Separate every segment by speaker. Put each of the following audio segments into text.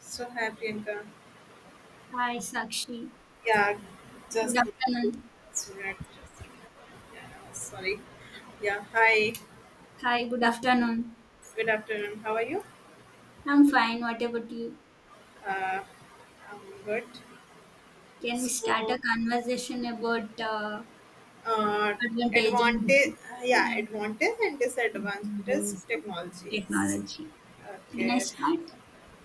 Speaker 1: So hi Priyanka.
Speaker 2: Hi, Sakshi.
Speaker 1: Yeah, just
Speaker 2: Good afternoon.
Speaker 1: just a minute, just a minute. Yeah, sorry. Yeah, hi.
Speaker 2: Hi, good afternoon.
Speaker 1: Good afternoon. How are you?
Speaker 2: I'm fine. What about you?
Speaker 1: Uh, I'm good.
Speaker 2: Can we start
Speaker 1: So,
Speaker 2: a conversation about
Speaker 1: uh,
Speaker 2: advantage
Speaker 1: Advantage.
Speaker 2: and
Speaker 1: Yeah,
Speaker 2: and
Speaker 1: advantage and disadvantage
Speaker 2: disadvantages of
Speaker 1: technologies.
Speaker 2: technology? Can I
Speaker 1: Okay.
Speaker 2: start?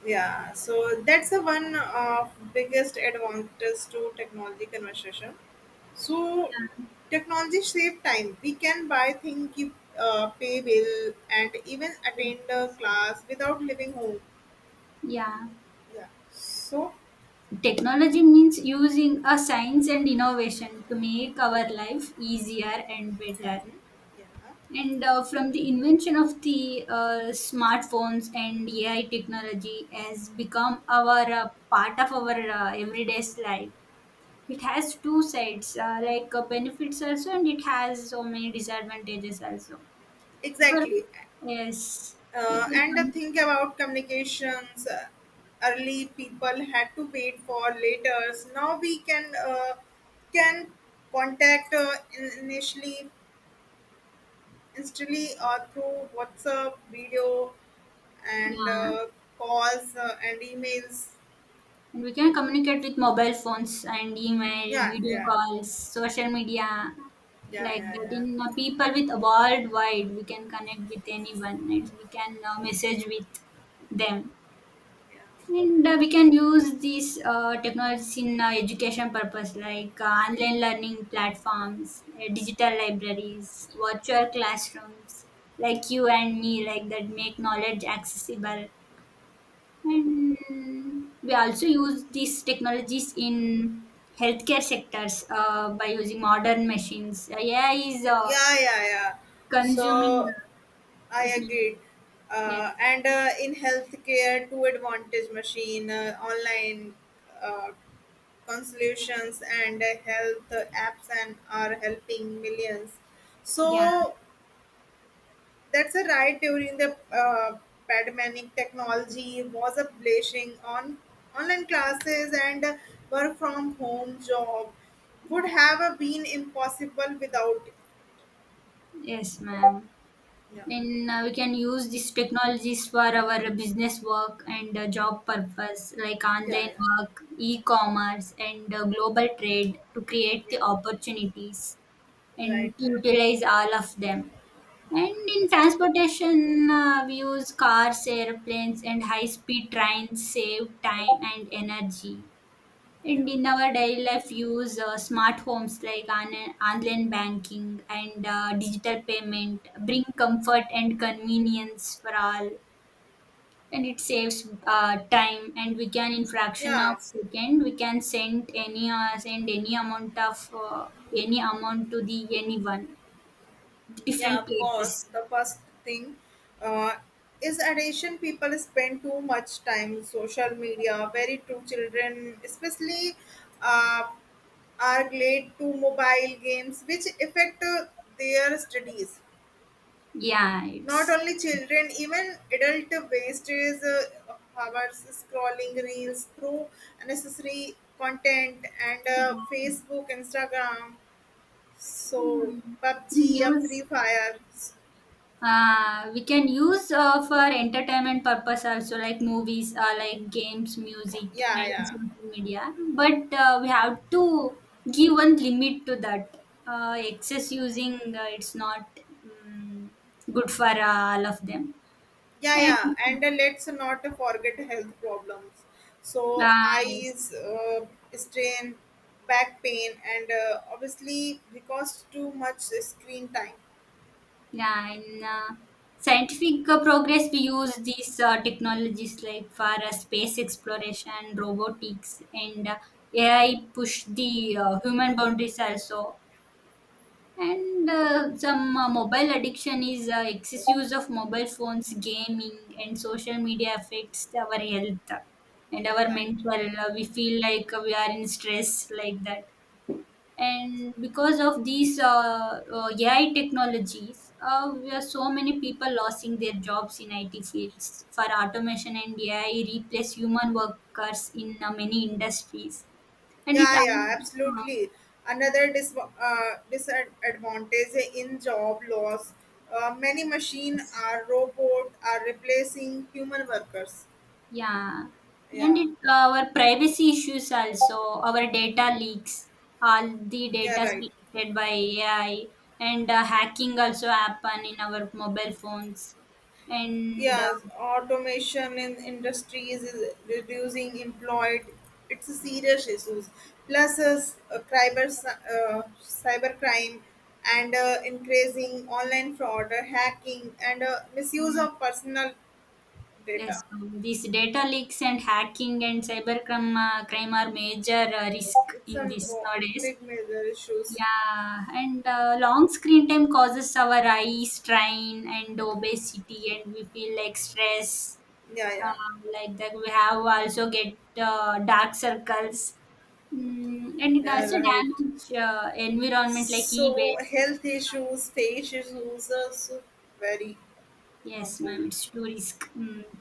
Speaker 1: Yeah. So that's the one of biggest advantage to technology conversation. So
Speaker 2: Yeah.
Speaker 1: technology save time. We can buy things, keep pay bill, and even attend a class without leaving home.
Speaker 2: Yeah.
Speaker 1: Yeah.
Speaker 2: Technology means using a science and innovation to make our life easier and better.
Speaker 1: Hmm. Yeah.
Speaker 2: And from the invention of the smartphones and AI technology has become our part of our everyday life. It has two sides, like benefits also, and it has so many disadvantages also. For
Speaker 1: Exactly,
Speaker 2: yes, if we
Speaker 1: and
Speaker 2: com-
Speaker 1: think about communications. Early people had to wait for letters. Now we can can contact in- initially instantly through WhatsApp video and
Speaker 2: yeah,
Speaker 1: uh, calls and emails.
Speaker 2: and we can communicate with mobile phones and email,
Speaker 1: Yeah,
Speaker 2: video
Speaker 1: yeah,
Speaker 2: calls, social media,
Speaker 1: yeah,
Speaker 2: like
Speaker 1: yeah,
Speaker 2: that
Speaker 1: yeah,
Speaker 2: in people with worldwide we can connect with anyone and we can message with them
Speaker 1: yeah,
Speaker 2: and we can use these technologies in education purpose like online learning platforms digital libraries virtual classrooms like you and me like that make knowledge accessible, and we also use these technologies in healthcare sectors, by using modern machines. AI is
Speaker 1: yeah, yeah, yeah.
Speaker 2: consuming
Speaker 1: So
Speaker 2: the
Speaker 1: I
Speaker 2: yes, ma'am.
Speaker 1: agreed.
Speaker 2: Yes.
Speaker 1: And In healthcare, two advantage machine, online uh, consultations, and health apps, and are helping millions.
Speaker 2: Yeah.
Speaker 1: So That's a right. During the pandemic, technology was a blessing on online classes and work from home job would have been impossible without it.
Speaker 2: Yes, ma'am.
Speaker 1: Yeah,
Speaker 2: And we can use these technologies for our business work and job purpose, like
Speaker 1: yeah,
Speaker 2: online
Speaker 1: yeah.
Speaker 2: work, e-commerce, and global trade to create
Speaker 1: Yeah,
Speaker 2: the opportunities
Speaker 1: right,
Speaker 2: and to
Speaker 1: right.
Speaker 2: utilize all of them. And in transportation, we use cars, airplanes, and high-speed trains save time and energy.
Speaker 1: Yeah,
Speaker 2: And in our daily life, use smart homes like online banking and digital payment bring comfort and convenience for all. And it saves time, and we can in fraction
Speaker 1: yeah,
Speaker 2: of second we can send any amount of any amount to the anyone
Speaker 1: yeah.
Speaker 2: different
Speaker 1: Of course,
Speaker 2: places.
Speaker 1: the first thing uh, is addition. People spend too much time social media. Very true, children, especially. Uh, are glued to mobile games, which affect their studies.
Speaker 2: Yeah,
Speaker 1: Not
Speaker 2: it's.
Speaker 1: only children, even adult wastes is hours scrolling reels through unnecessary content and
Speaker 2: Yeah.
Speaker 1: Facebook, Instagram, so
Speaker 2: Hmm. We
Speaker 1: PUBG, Free
Speaker 2: use
Speaker 1: Fire.
Speaker 2: we can use for entertainment purpose also like movies like games music
Speaker 1: Yeah,
Speaker 2: and
Speaker 1: yeah,
Speaker 2: social media, but we have to give one limit to that excess using, it's not um, good for all of them
Speaker 1: yeah,
Speaker 2: and
Speaker 1: yeah, and let's not forget health problems. So
Speaker 2: yes.
Speaker 1: eyes strain, back pain and obviously because too much screen time.
Speaker 2: Yeah, in scientific progress, we use these technologies like for space exploration, robotics, and AI push the human boundaries also. And some mobile addiction is excess use of mobile phones, gaming, and social media affects our health and our
Speaker 1: Right.
Speaker 2: mental. We feel like we are in stress like that, and because of these AI technologies, we are so many people losing their jobs in IT fields for automation and AI replace human workers in many industries, and it
Speaker 1: Yeah, yeah,
Speaker 2: uh,
Speaker 1: absolutely. Another disadvantage in job loss. Many machine are robot are replacing human workers.
Speaker 2: yeah, and
Speaker 1: Yeah,
Speaker 2: it our privacy issues also, our data leaks, all the
Speaker 1: yeah,
Speaker 2: data
Speaker 1: right.
Speaker 2: collected by AI, and hacking also happen in our mobile phones and.
Speaker 1: Yes, automation in industries is reducing employed. It's a serious issues. Plus, is cyber crime and increasing online fraud, hacking, and misuse
Speaker 2: Mm,
Speaker 1: of personal data.
Speaker 2: Yes, these data leaks and hacking and cybercrime crime are major risk
Speaker 1: It's
Speaker 2: in
Speaker 1: a
Speaker 2: this nowadays.
Speaker 1: big major issues.
Speaker 2: Yeah, and long screen time causes our eye strain and obesity, and we feel like stress.
Speaker 1: Yeah, yeah,
Speaker 2: Like that, we have also get dark circles, mm, and it
Speaker 1: yeah.
Speaker 2: also
Speaker 1: Right.
Speaker 2: damage environment like
Speaker 1: So
Speaker 2: e-waste.
Speaker 1: health issues, face issues are so very
Speaker 2: Yes,
Speaker 1: harmful.
Speaker 2: ma'am, it's too risk. Mm.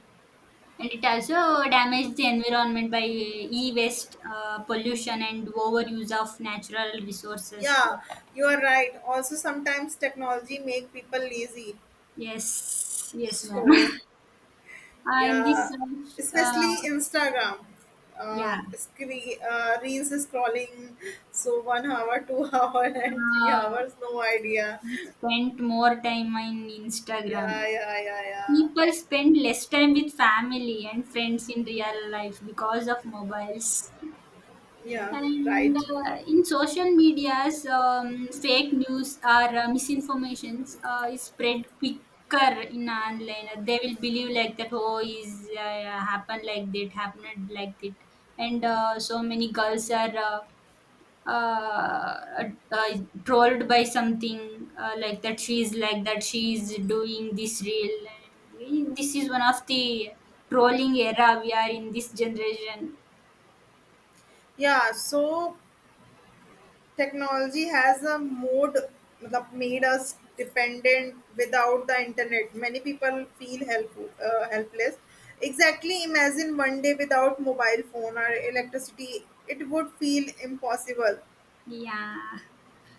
Speaker 2: And it also damages the environment by e-waste pollution and overuse of natural resources.
Speaker 1: Yeah, you are right. Also, sometimes technology make people lazy.
Speaker 2: Yes, yes, ma'am.
Speaker 1: So
Speaker 2: In
Speaker 1: yeah,
Speaker 2: this uh,
Speaker 1: especially
Speaker 2: uh,
Speaker 1: Instagram,
Speaker 2: yeah,
Speaker 1: screen, reels scrolling. So 1 hour, 2 hour, and three
Speaker 2: uh,
Speaker 1: hours. No idea.
Speaker 2: we spent more time on
Speaker 1: Yeah,
Speaker 2: Instagram.
Speaker 1: yeah, yeah, yeah,
Speaker 2: People spend less time with family and friends in real life because of mobiles.
Speaker 1: yeah, right.
Speaker 2: And in social medias, fake news or misinformations is spread quicker in online. They will believe like that. Oh, is happened like that, and so many girls are. Uh, uh, trolled by something like that she is, like that she is doing this real, and we, this is one of the trolling era we are in this generation.
Speaker 1: Yeah. So technology has a mode मतलब made us dependent without the internet. Many people feel helpless. Exactly, imagine one day without mobile phone or electricity, it would feel impossible.
Speaker 2: Yeah.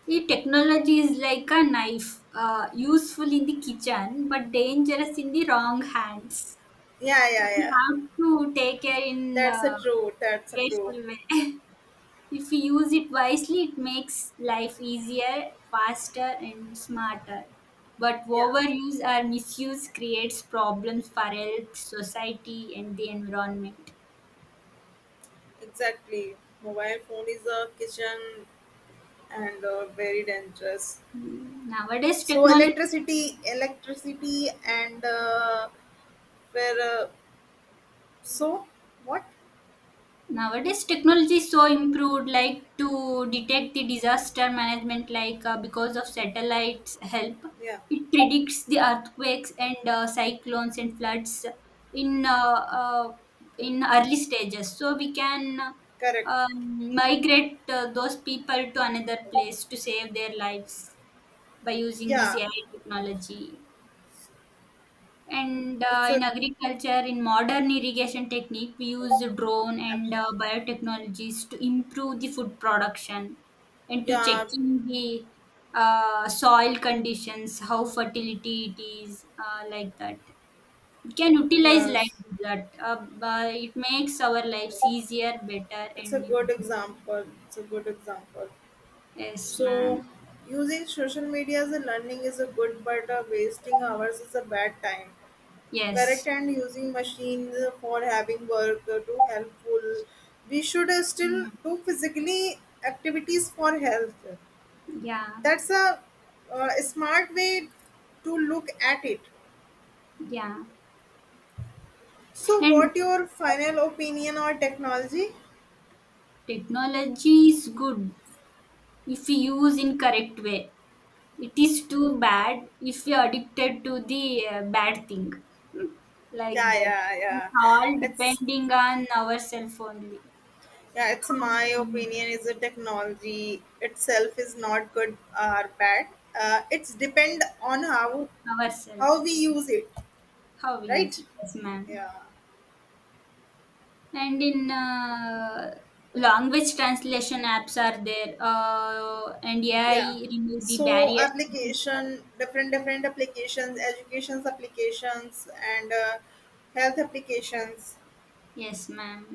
Speaker 2: The technology is like a knife, useful in the kitchen but dangerous in the wrong hands.
Speaker 1: Yeah, yeah,
Speaker 2: We
Speaker 1: yeah.
Speaker 2: have to take care in
Speaker 1: That's a true. That's a true.
Speaker 2: careful way. If we use it wisely, it makes life easier, faster, and smarter. But
Speaker 1: Yeah,
Speaker 2: overuse or misuse creates problems for health, society, and the environment.
Speaker 1: exactly. Mobile phone is a kitchen and very dangerous.
Speaker 2: Mm.
Speaker 1: So electricity, and where, so what?
Speaker 2: Nowadays technology is so improved like to detect the disaster management like because of satellites help,
Speaker 1: Yeah,
Speaker 2: it predicts the earthquakes and cyclones and floods in uh, uh, in early stages, so we can
Speaker 1: correct.
Speaker 2: um, migrate those people to another place to save their lives by using this
Speaker 1: Yeah,
Speaker 2: AI technology. And
Speaker 1: it's a
Speaker 2: in agriculture, in modern irrigation technique, we use drone and biotechnologies to improve the food production and to
Speaker 1: yeah,
Speaker 2: checking the soil conditions, how fertility it is, like that. We can utilize
Speaker 1: yeah.
Speaker 2: like that. But it makes our lives easier, better,
Speaker 1: It's a
Speaker 2: and
Speaker 1: good example. It's a good example.
Speaker 2: yes, ma'am.
Speaker 1: So, using social media as a learning is a good, but wasting hours is a bad time. Correct,
Speaker 2: Yes.
Speaker 1: and using machines for having work to helpful. We should still
Speaker 2: Mm.
Speaker 1: do physically activities for health.
Speaker 2: Yeah,
Speaker 1: That's a smart way to look at it.
Speaker 2: yeah.
Speaker 1: So,
Speaker 2: And
Speaker 1: what your final opinion on technology?
Speaker 2: technology is good if we use in correct way. It is too bad if you're addicted to the bad thing. Hmm, like
Speaker 1: Yeah,
Speaker 2: that,
Speaker 1: yeah, yeah.
Speaker 2: it's all
Speaker 1: it's
Speaker 2: depending on ourselves only.
Speaker 1: Yeah, it's
Speaker 2: How
Speaker 1: my
Speaker 2: we
Speaker 1: opinion is the technology itself is not good or bad. It's depend on how
Speaker 2: Ourselves,
Speaker 1: how we use it.
Speaker 2: how we use
Speaker 1: Right,
Speaker 2: it, yes, ma'am.
Speaker 1: yeah,
Speaker 2: And in language translation apps are there, and AI
Speaker 1: yeah.
Speaker 2: remove the
Speaker 1: So
Speaker 2: barriers between
Speaker 1: application
Speaker 2: cultures.
Speaker 1: different different applications educations applications and health applications.
Speaker 2: Yes, ma'am.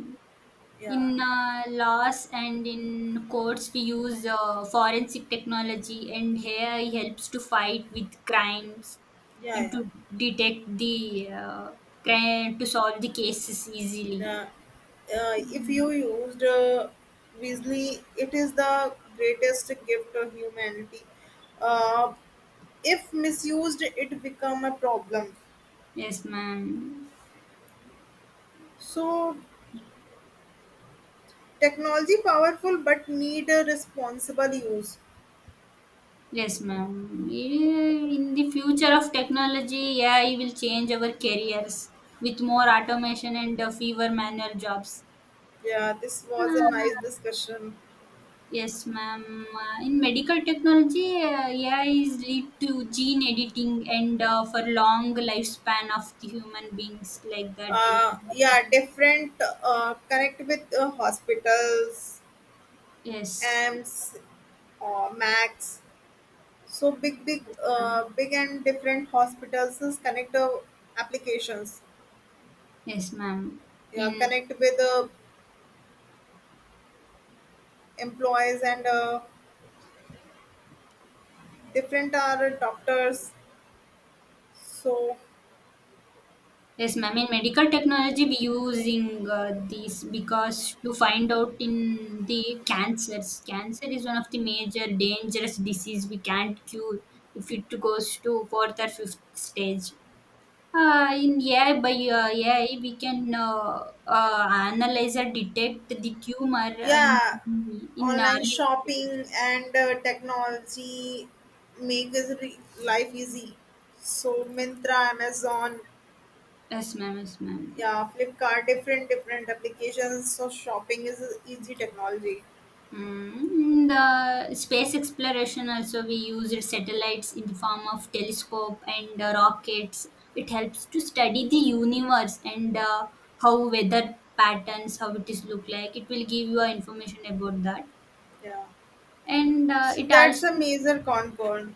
Speaker 2: In
Speaker 1: Yeah,
Speaker 2: laws and in courts, we use forensic technology, and AI helps to fight with crimes
Speaker 1: yeah,
Speaker 2: and
Speaker 1: yeah.
Speaker 2: to detect the crime, to solve the cases easily.
Speaker 1: Uh, if
Speaker 2: Mm.
Speaker 1: you used Weasley, it is the greatest gift of humanity. Uh, if misused, it become a problem.
Speaker 2: Yes, ma'am.
Speaker 1: So technology powerful, but need a responsible use.
Speaker 2: Yes, ma'am. Yeah, in the future of technology, AI will change our careers with more automation and fewer manual jobs.
Speaker 1: Yeah, this was a nice
Speaker 2: Ah.
Speaker 1: discussion.
Speaker 2: Yes, ma'am. In medical technology, AI is lead to gene editing and for long lifespan of the human beings like that.
Speaker 1: Yeah, different connect with hospitals,
Speaker 2: Yes,
Speaker 1: AMS, MAX. So big, big,
Speaker 2: yes, ma'am.
Speaker 1: uh, big and different hospitals is connect applications.
Speaker 2: Yes, ma'am.
Speaker 1: Yeah,
Speaker 2: In
Speaker 1: connect with employees and different are doctors. So
Speaker 2: yes, ma'am. In medical technology, we using these because to find out in the cancers. Cancer is one of the major dangerous disease we can't cure if it goes to fourth or fifth stage. In AI, by AI, we can analyze or detect the tumor in
Speaker 1: yeah,
Speaker 2: in
Speaker 1: online
Speaker 2: early stage.
Speaker 1: shopping and technology make is life easy. So Mintra, Amazon,
Speaker 2: Yes, ma'am. Yes, ma'am.
Speaker 1: yeah, Flipkart, different different applications. So shopping is a easy technology.
Speaker 2: Mm, in the space exploration also we use satellites in the form of telescope and rockets. It helps to study the universe and how weather patterns, how it is look like. It will give you information about that,
Speaker 1: Yeah,
Speaker 2: and
Speaker 1: so
Speaker 2: it
Speaker 1: that's a
Speaker 2: also
Speaker 1: major concern.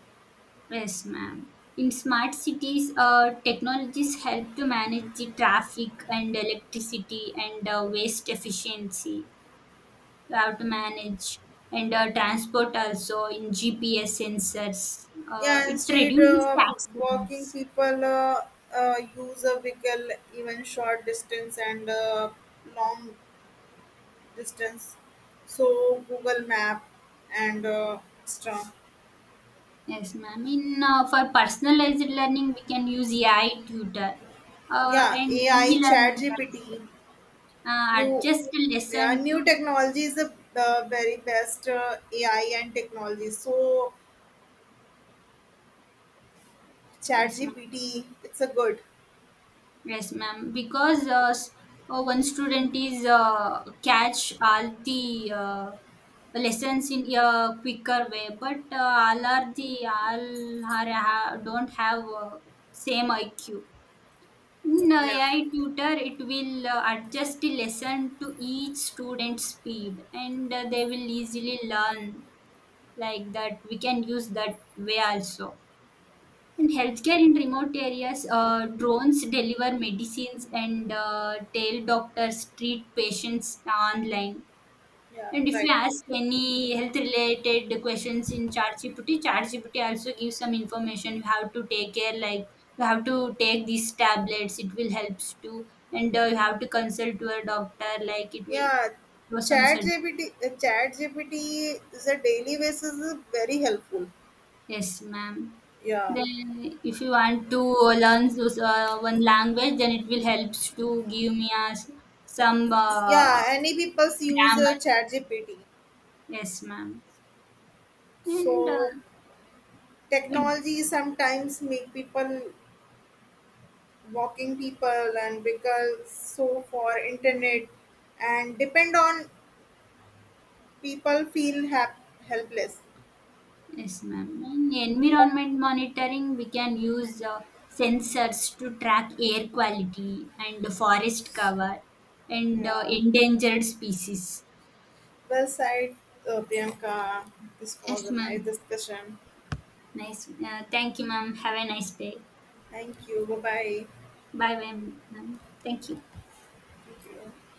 Speaker 2: yes, ma'am. In smart cities, technologies help to manage the traffic and electricity and waste efficiency. You have to manage and transport also in GPS sensors.
Speaker 1: Yeah,
Speaker 2: It
Speaker 1: instead
Speaker 2: reduces the
Speaker 1: of walking,
Speaker 2: accidents.
Speaker 1: people use a vehicle, even short distance and long distance. So Google Map and extra.
Speaker 2: Yes, ma'am. In for personalized learning, we can use AI tutor
Speaker 1: Yeah,
Speaker 2: and
Speaker 1: AI,
Speaker 2: e-learning
Speaker 1: Chat
Speaker 2: apps.
Speaker 1: GPT, new,
Speaker 2: Adjust the
Speaker 1: yeah,
Speaker 2: lesson
Speaker 1: new
Speaker 2: to
Speaker 1: technology is the very best AI and technology. So Chat
Speaker 2: yes, ma'am.
Speaker 1: GPT, it's a good.
Speaker 2: Yes, ma'am. Because one student is catch all the lessons in a quicker way, but all don't have same IQ. In
Speaker 1: Yeah,
Speaker 2: AI tutor, it will adjust the lesson to each student's speed, and they will easily learn like that. We can use that way also. In healthcare in remote areas, drones deliver medicines and tell doctors treat patients online.
Speaker 1: yeah,
Speaker 2: And if
Speaker 1: right.
Speaker 2: you ask any health related questions in ChatGPT, ChatGPT also gives some information. You have to take care, like you have to take these tablets, it will help too. And you have to consult your doctor, like it will
Speaker 1: Yeah,
Speaker 2: show some suggestions.
Speaker 1: ChatGPT is a daily basis is very helpful.
Speaker 2: Yes, ma'am.
Speaker 1: Yeah,
Speaker 2: Then, if you want to learn those, one language, then it will helps to give me as some
Speaker 1: yeah. Any people use
Speaker 2: grammar.
Speaker 1: ChatGPT.
Speaker 2: Yes, ma'am. And
Speaker 1: So
Speaker 2: and-
Speaker 1: technology sometimes make people walking people and because so for internet and depend on people feel helpless.
Speaker 2: yes, ma'am. In environment monitoring, we can use sensors to track air quality and the forest cover and
Speaker 1: Yeah.
Speaker 2: endangered species.
Speaker 1: Well said, Priyanka. This was
Speaker 2: Yes,
Speaker 1: a nice
Speaker 2: ma'am.
Speaker 1: discussion.
Speaker 2: Nice. Thank you, ma'am. Have a nice day.
Speaker 1: Thank you. Bye bye.
Speaker 2: Bye, ma'am. Ma'am. Thank you.
Speaker 1: Thank you.